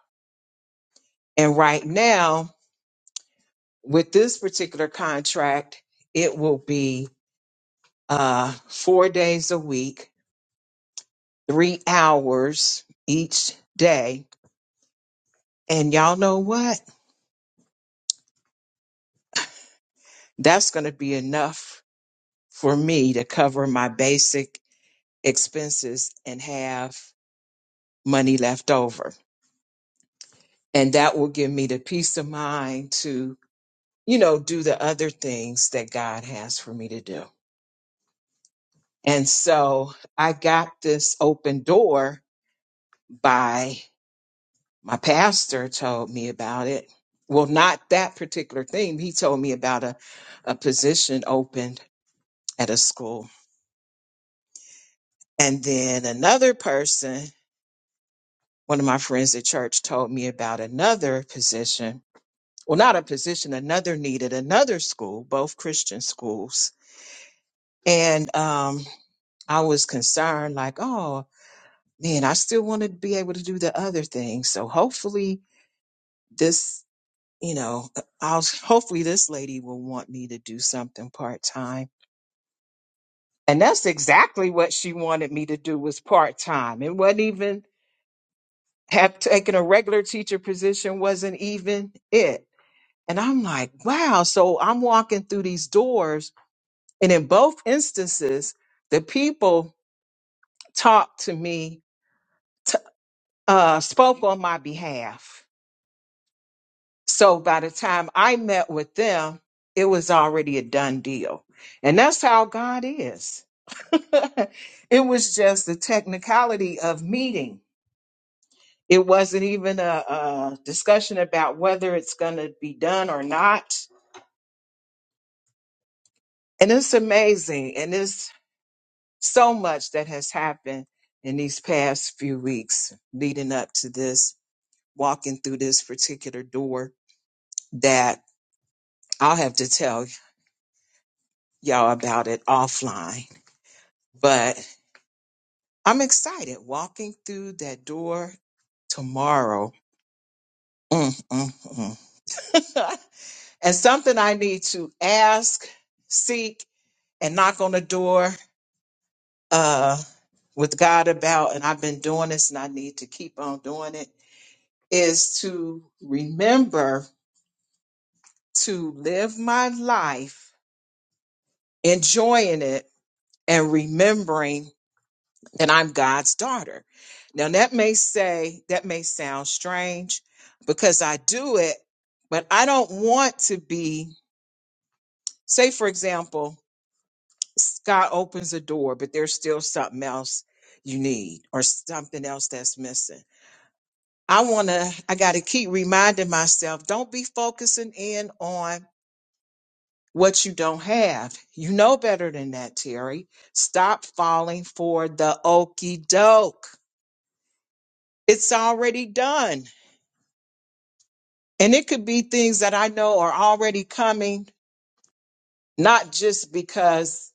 [SPEAKER 2] And right now, with this particular contract, it will be uh, four days a week, three hours each day. And y'all know what? That's going to be enough for me to cover my basic expenses and have money left over. And that will give me the peace of mind to you know, do the other things that God has for me to do. And so I got this open door by my pastor told me about it. Well, not that particular thing. He told me about a, a position opened at a school. And then another person, one of my friends at church, told me about another position. Well, not a position, another needed another school, both Christian schools. And um, I was concerned, like, oh, man, I still want to be able to do the other thing. So hopefully this, you know, I'll hopefully this lady will want me to do something part time. And that's exactly what she wanted me to do was part time. It wasn't even have taken a regular teacher position wasn't even it. And I'm like, wow. So I'm walking through these doors and in both instances, the people talked to me, t- uh, spoke on my behalf So by the time I met with them, it was already a done deal. And that's how God is. it was just the technicality of meeting. It wasn't even a, a discussion about whether it's going to be done or not. And it's amazing. And it's so much that has happened in these past few weeks leading up to this, walking through this particular door that I'll have to tell y'all about it offline but I'm excited walking through that door tomorrow. Mm, mm, mm. and something I need to ask, seek, and knock on the door uh, with God about, and I've been doing this and I need to keep on doing it, is to remember to live my life, enjoying it, and remembering. that I'm God's daughter. Now that may say that may sound strange because I do it, but I don't want to be say for example, God opens a door, but there's still something else you need or something else that's missing. I want to I got to keep reminding myself, don't be focusing in on what you don't have. You know better than that, Terry. Stop falling for the okey doke. It's already done. And it could be things that I know are already coming, not just because,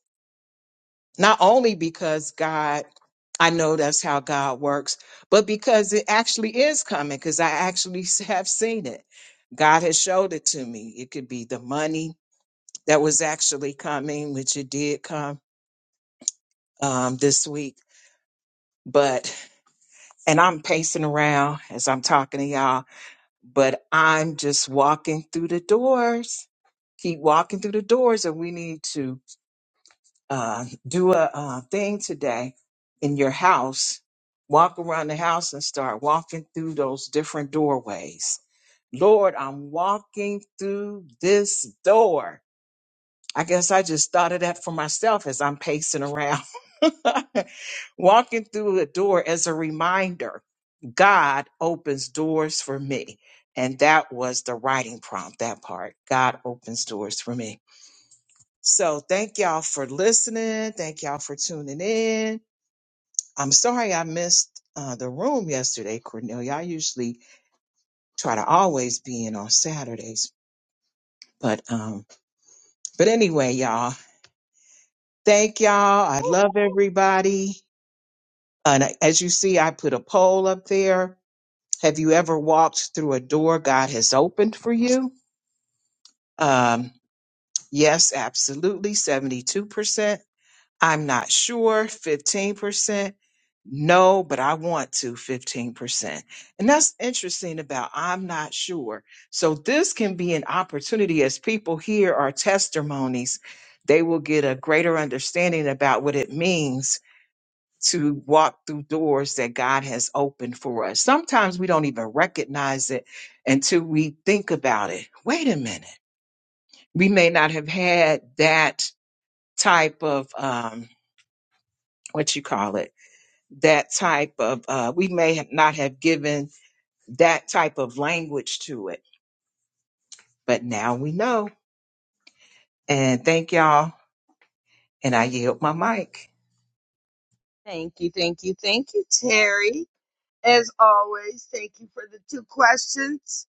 [SPEAKER 2] not only because God, I know that's how God works, but because it actually is coming, because I actually s- have seen it. God has showed it to me. It could be the money that was actually coming, which it did come um, this week. But, and I'm pacing around as I'm talking to y'all, but I'm just walking through the doors. Keep walking through the doors, and we need to uh, do a uh, thing today in your house. Walk around the house and start walking through those different doorways. Lord, I'm walking through this door. I guess I just thought of that for myself as I'm pacing around. walking through a door as a reminder God opens doors for me. And that was the writing prompt, that part. God opens doors for me. So thank y'all for listening. Thank y'all for tuning in. I'm sorry I missed uh, the room yesterday, Cornelia. I usually try to always be in on Saturdays, but um, but anyway, y'all. Thank y'all. I love everybody. And as you see, I put a poll up there. Have you ever walked through a door God has opened for you? Um, yes, absolutely. 72%. I'm not sure, 15%. No, but I want to 15%. And that's interesting about I'm not sure. So this can be an opportunity as people hear our testimonies, they will get a greater understanding about what it means to walk through doors that God has opened for us. Sometimes we don't even recognize it until we think about it. Wait a minute. We may not have had that type of um what you call it that type of uh, we may have not have given that type of language to it but now we know and thank y'all and i yield my mic
[SPEAKER 3] Thank you, thank you, thank you, Terry. As always, thank you for the two questions.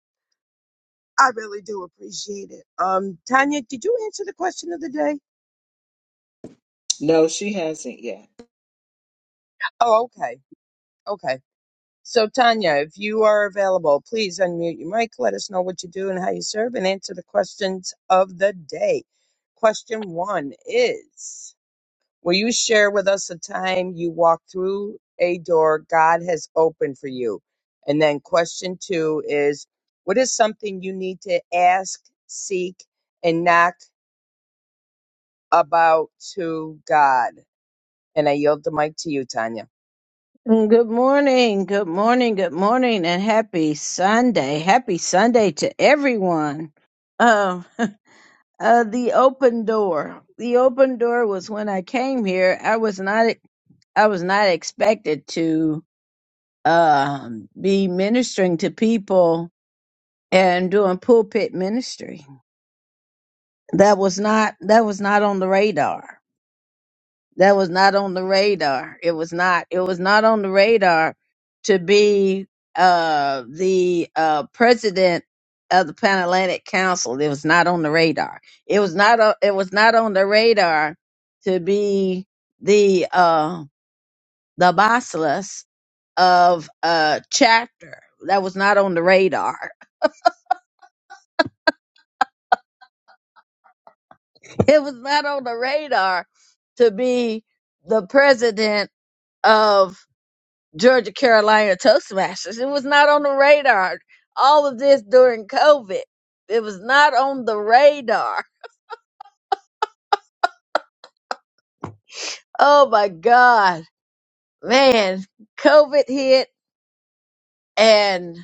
[SPEAKER 3] I really do appreciate it. Um, Tanya, did you answer the question of the day?
[SPEAKER 2] no she hasn't yet
[SPEAKER 3] Oh, okay, okay. So, Tanya, if you are available, please unmute your mic. Let us know what you do and how you serve, and answer the questions of the day. Question one is Will you share with us a time you walked through a door God has opened for you? And then question two is What is something you need to ask, seek, and knock about to God? And I yield the mic to you, Tanya.
[SPEAKER 5] Good morning, good morning, good morning, and happy Sunday. Happy Sunday to everyone. Um, uh, the open door. The open door was when I came here. I was not I was not expected to um be ministering to people and doing pulpit ministry. That was not that was not on the radar. that was not on the radar. It was not. It was not on the radar to be uh, the uh, president of the Pan Atlantic Council. It was not on the radar. It was not. o it was not on the radar to be the uh, the bossless of uh, chapter. That was not on the radar. It was not on the radar to be the president of. Georgia Carolina Toastmasters. It was not on the radar. All of this during COVID. It was not on the radar. Oh my God. Man, COVID hit and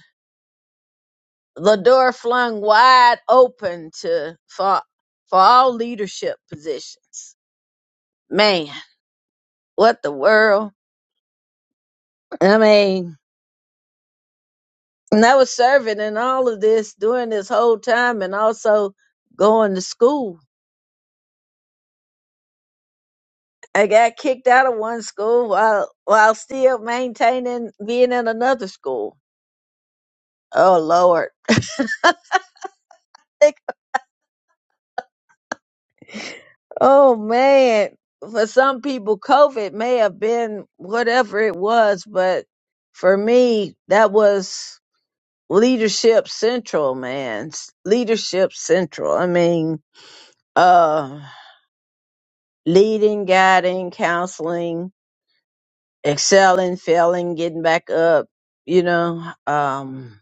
[SPEAKER 5] the door flung wide open to for, for all leadership positions. Man, what the world? I mean, and I was serving in all of this during this whole time and also going to school I got kicked out of one school while while still maintaining being in another school. Oh Lord. Like, oh man. For some people COVID may have been whatever it was, but for me that was leadership central, man. S- Leadership central. I mean, uh leading, guiding, counseling, excelling, failing, getting back up, you know. Um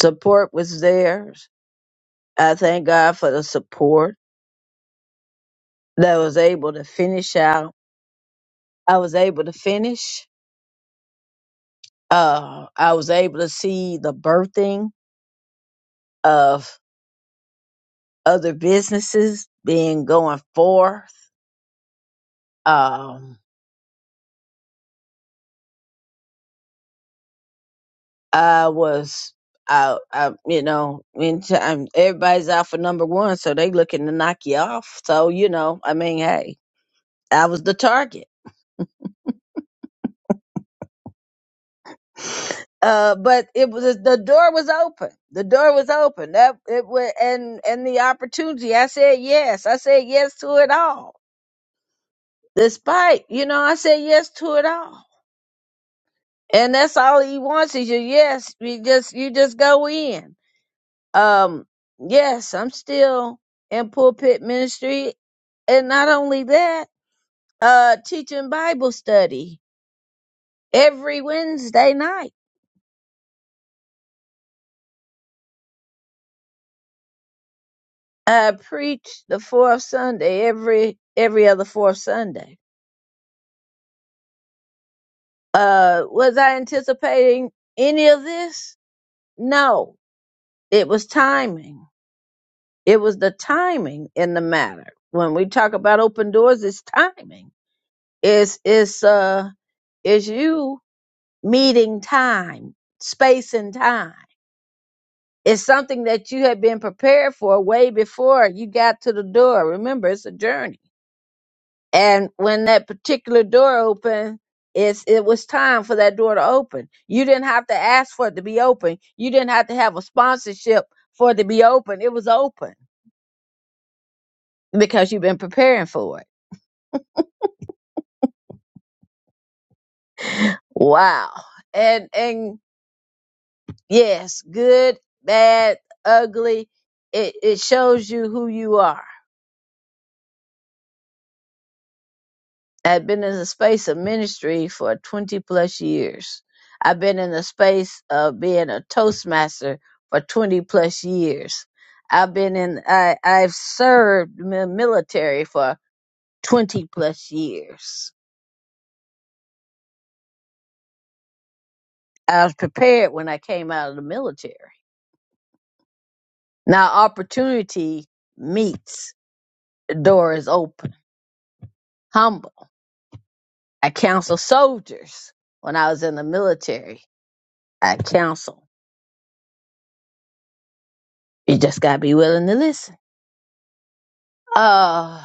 [SPEAKER 5] support was there I thank God for the support that I was able to finish out. I was able to finish. Uh, I was able to see the birthing of other businesses being going forth. Um, I was, I, I, you know, anytime everybody's out for number one, so they looking to knock you off. So you know, I mean, hey, I was the target. uh, but it was the door was open. The door was open. That it was, and and the opportunity. I said yes. I said yes to it all. Despite you know, I said yes to it all. And that's all he wants is your yes. You just you just go in. Um, yes, I'm still in pulpit ministry, and not only that, uh, teaching Bible study every Wednesday night. I preach the fourth Sunday every every other fourth Sunday Uh, was I anticipating any of this? No, it was timing. It was the timing in the matter. When we talk about open doors, it's timing. It's it's uh it's you meeting time, space and time. It's something that you had been prepared for way before you got to the door. Remember, it's a journey And when that particular door opened, it's, it was time for that door to open. You didn't have to ask for it to be open. You didn't have to have a sponsorship for it to be open. It was open because you've been preparing for it. Wow. And and yes, good, bad, ugly. It it shows you who you are I've been in the space of ministry for 20 plus years. I've been in the space of being a Toastmaster for 20 plus years. I've been in, I, I've served mi- military for 20 plus years. I was prepared when I came out of the military. Now opportunity meets, the door is open. Humble. I counsel soldiers when I was in the military. I counsel. You just gotta be willing to listen. Uh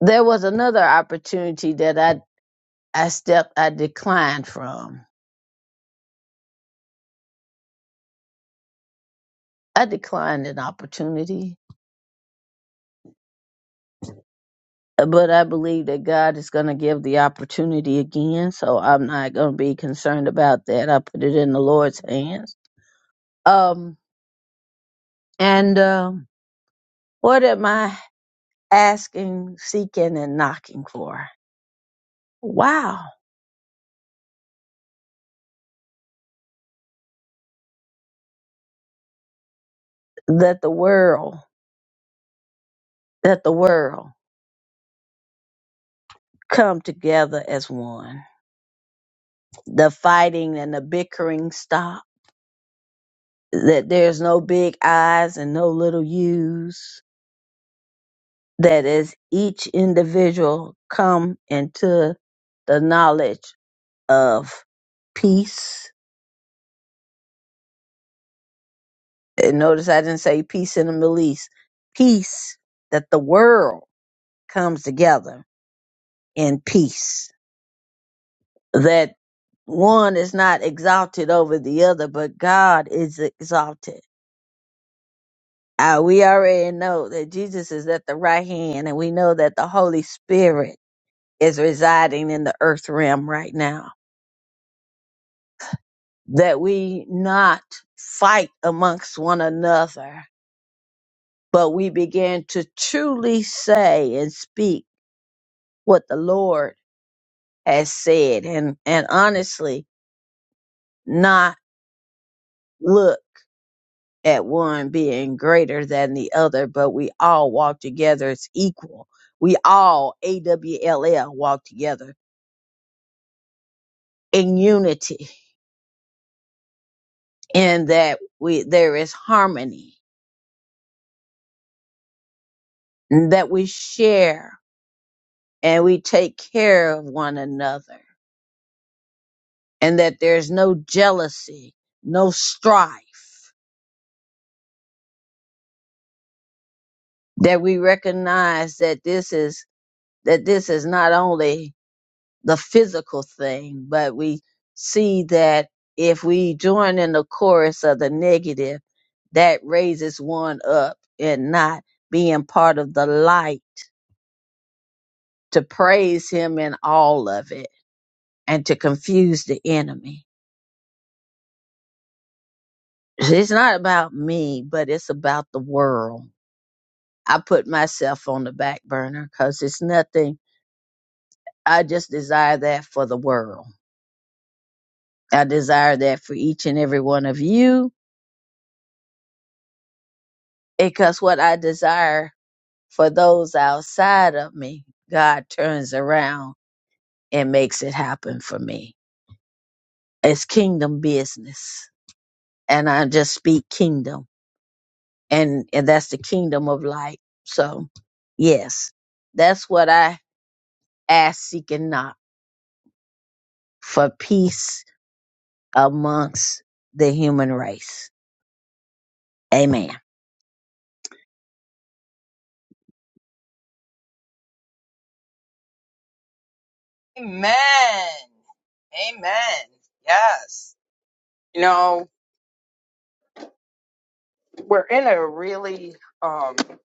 [SPEAKER 5] there was another opportunity that I I stepped I declined from. I declined an opportunity, but I believe that God is going to give the opportunity again, so I'm not going to be concerned about that. I put it in the Lord's hands. Um and um what am I asking, seeking and knocking for? Wow, that the world, that the world come together as one. The fighting and the bickering stop that there's no big I's and no little U's, that as each individual come into the knowledge of peace, and notice I didn't say peace in the Middle East, peace, that the world comes together in peace, that one is not exalted over the other, but God is exalted. Uh, we already know that Jesus is at the right hand, and we know that the Holy Spirit is residing in the earth realm right now. That we not fight amongst one another, but we begin to truly say and speak what the Lord has said and, and honestly not look at one being greater than the other, but we all walk together as equal. We all, AWLL, walk together in unity, in that we, there is harmony, and that we share and we take care of one another and that there's no jealousy, no strife, that we recognize that this is, that this is not only the physical thing, but we see that if we join in the chorus of the negative, that raises one up and not being part of the light to praise him in all of it and to confuse the enemy. It's not about me, but it's about the world I put myself on the back burner because it's nothing. I just desire that for the world. I desire that for each and every one of you because what I desire for those outside of me, God turns around and makes it happen for me. It's kingdom business. And I just speak kingdom. And, and that's the kingdom of light. So, yes, that's what I ask, seek, and knock for peace amongst the human race. Amen.
[SPEAKER 3] Amen. Amen. Yes. You know, we're in a really um how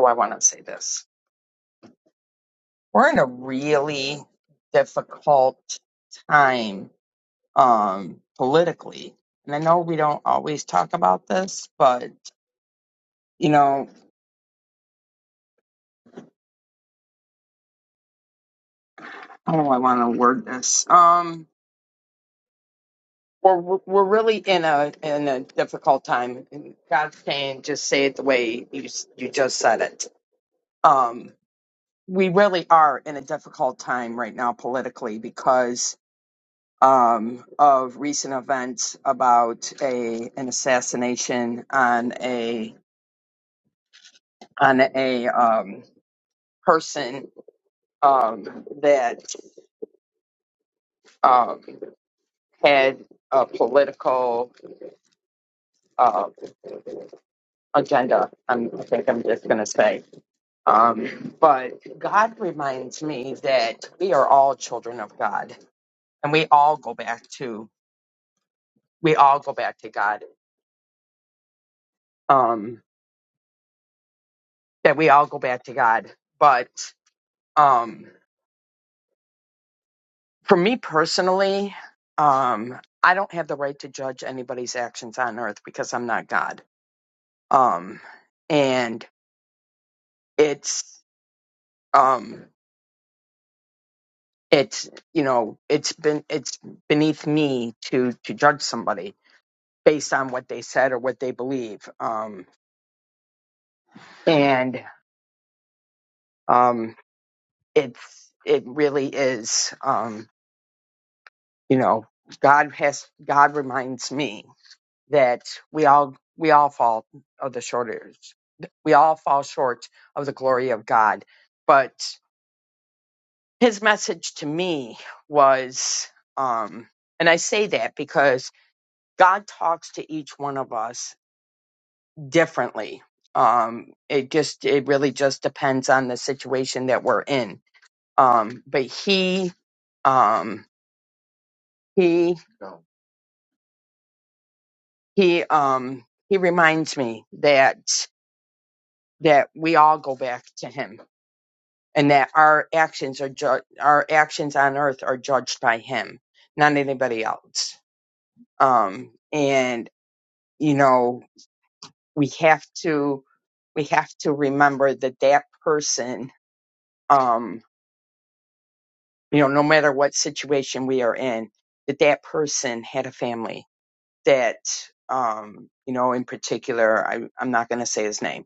[SPEAKER 3] do I want to say this? We're in a really difficult time um politically. And I know we don't always talk about this, but you know, how do I want to word this? Um we're we're really in a in a difficult time. And God's saying just say it the way you s- you just said it. Um we really are in a difficult time right now politically because um, of recent events about a an assassination on a on a um, person um, that um, had a political uh, agenda. I'm, I think I'm just going to say. Um, but God reminds me that we are all children of God, and we all go back to we all go back to God. Um, that we all go back to God, but. Um, for me personally, um, I don't have the right to judge anybody's actions on earth because I'm not God. Um, and it's, um, it's, you know, it's been, it's beneath me to, to judge somebody based on what they said or what they believe. Um, and, um, it's, it really is, um, you know, God has, God reminds me. that we all we all fall of the shortage. We all fall short of the glory of God. But his message to me was, um, and I say that because God talks to each one of us differently. Um, it just it really just depends on the situation that we're in. Um, but he um, he he um, he reminds me that that we all go back to him and that our actions are ju- our actions on earth are judged by him not anybody else um and you know we have to we have to remember that that person um you know no matter what situation we are in that that person had a family that um you know in particular i i'm not going to say his name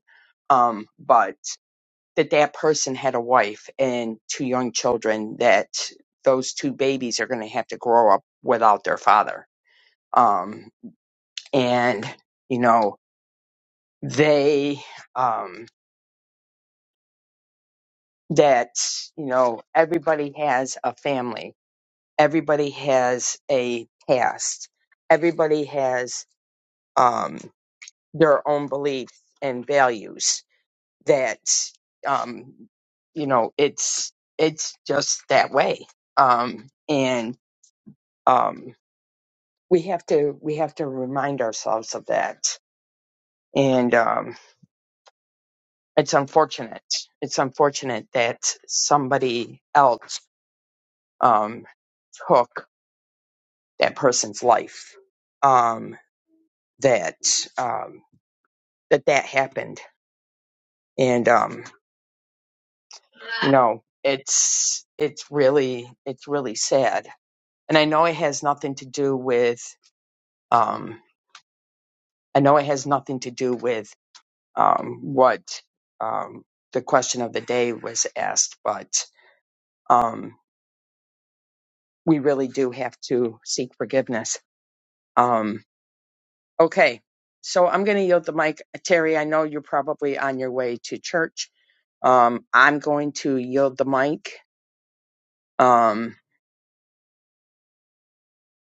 [SPEAKER 3] um but that that person had a wife and two young children that those two babies are going to have to grow up without their father um and you know they um that you know everybody has a family everybody has a past everybody has um their own beliefs and values that um you know it's it's just that way um and um, we have to we have to remind ourselves of that and um, it's unfortunate it's unfortunate that somebody else um, took that person's life um, that um, that that happened and um, you know it's it's really it's really sad and i know it has nothing to do with um, i know it has nothing to do with um, what um, the question of the day was asked, but um, we really do have to seek forgiveness. Um, okay, so I'm going to yield the mic. Terry, I know you're probably on your way to church. Um, I'm going to yield the mic. Um,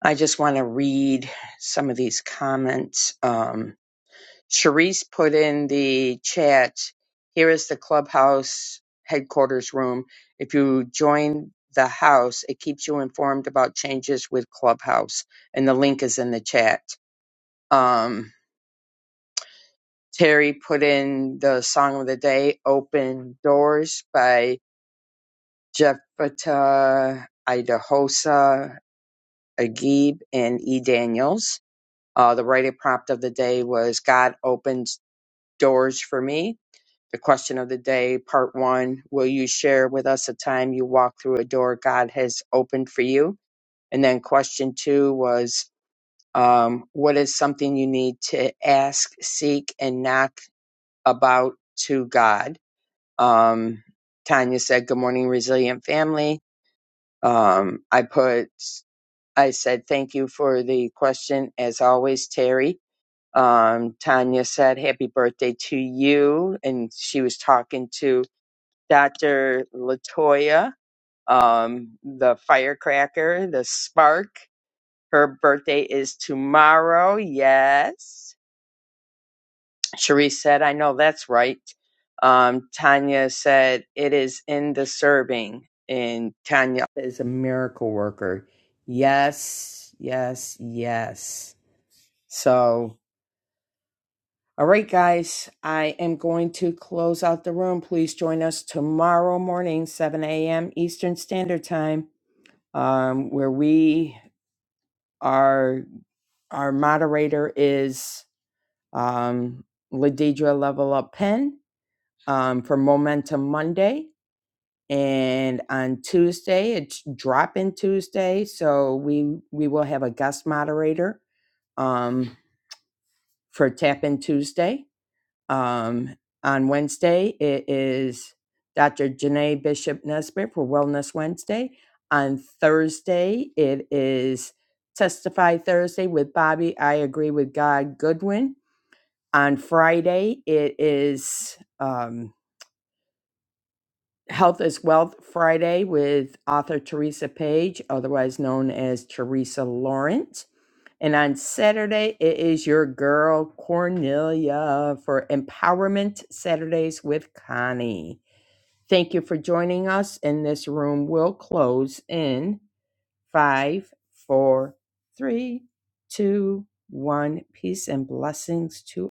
[SPEAKER 3] I just want to read some of these comments. Um, Charisse put in the chat, here is the clubhouse headquarters room. If you join the house, it keeps you informed about changes with clubhouse. And the link is in the chat. Um, Terry put in the song of the day, Open Doors by Jephthah Idahosa Agib and E. Daniels. Uh, the writing prompt of the day was God opens doors for me The question of the day, part one Will you share with us a time you walked through a door God has opened for you? And then question two was um, What is something you need to ask, seek, and knock about to God? Um, Tanya said, Good morning, resilient family. Um, I put, I said, Thank you for the question, as always, Terry. Um, Tanya said, Happy birthday to you. And she was talking to Dr. Latoya, um, the firecracker, the spark. Her birthday is tomorrow. Yes. Cherise said, I know that's right. Um, Tanya said, it is in the serving. And Tanya is a miracle worker. Yes, yes, yes. So, all right, guys, I am going to close out the room. Please join us tomorrow morning, 7 a.m. Eastern Standard Time um, where we are, our moderator is um, Ladidra Level Up Pen um, for Momentum Monday. And on Tuesday, it's drop in Tuesday. So we, we will have a guest moderator um, for Tap in Tuesday. Um, on Wednesday, it is Dr. Janae Bishop Nesbitt for Wellness Wednesday. On Thursday, it is Testify Thursday with Bobby. I agree with God Goodwin. On Friday, it is. um. Health is Wealth Friday with author Teresa Page, otherwise known as Teresa Lawrence. And on Saturday, it is your girl Cornelia for Empowerment Saturdays with Connie. Thank you for joining us, and this room will close in five, four, three, two, one. Peace and blessings to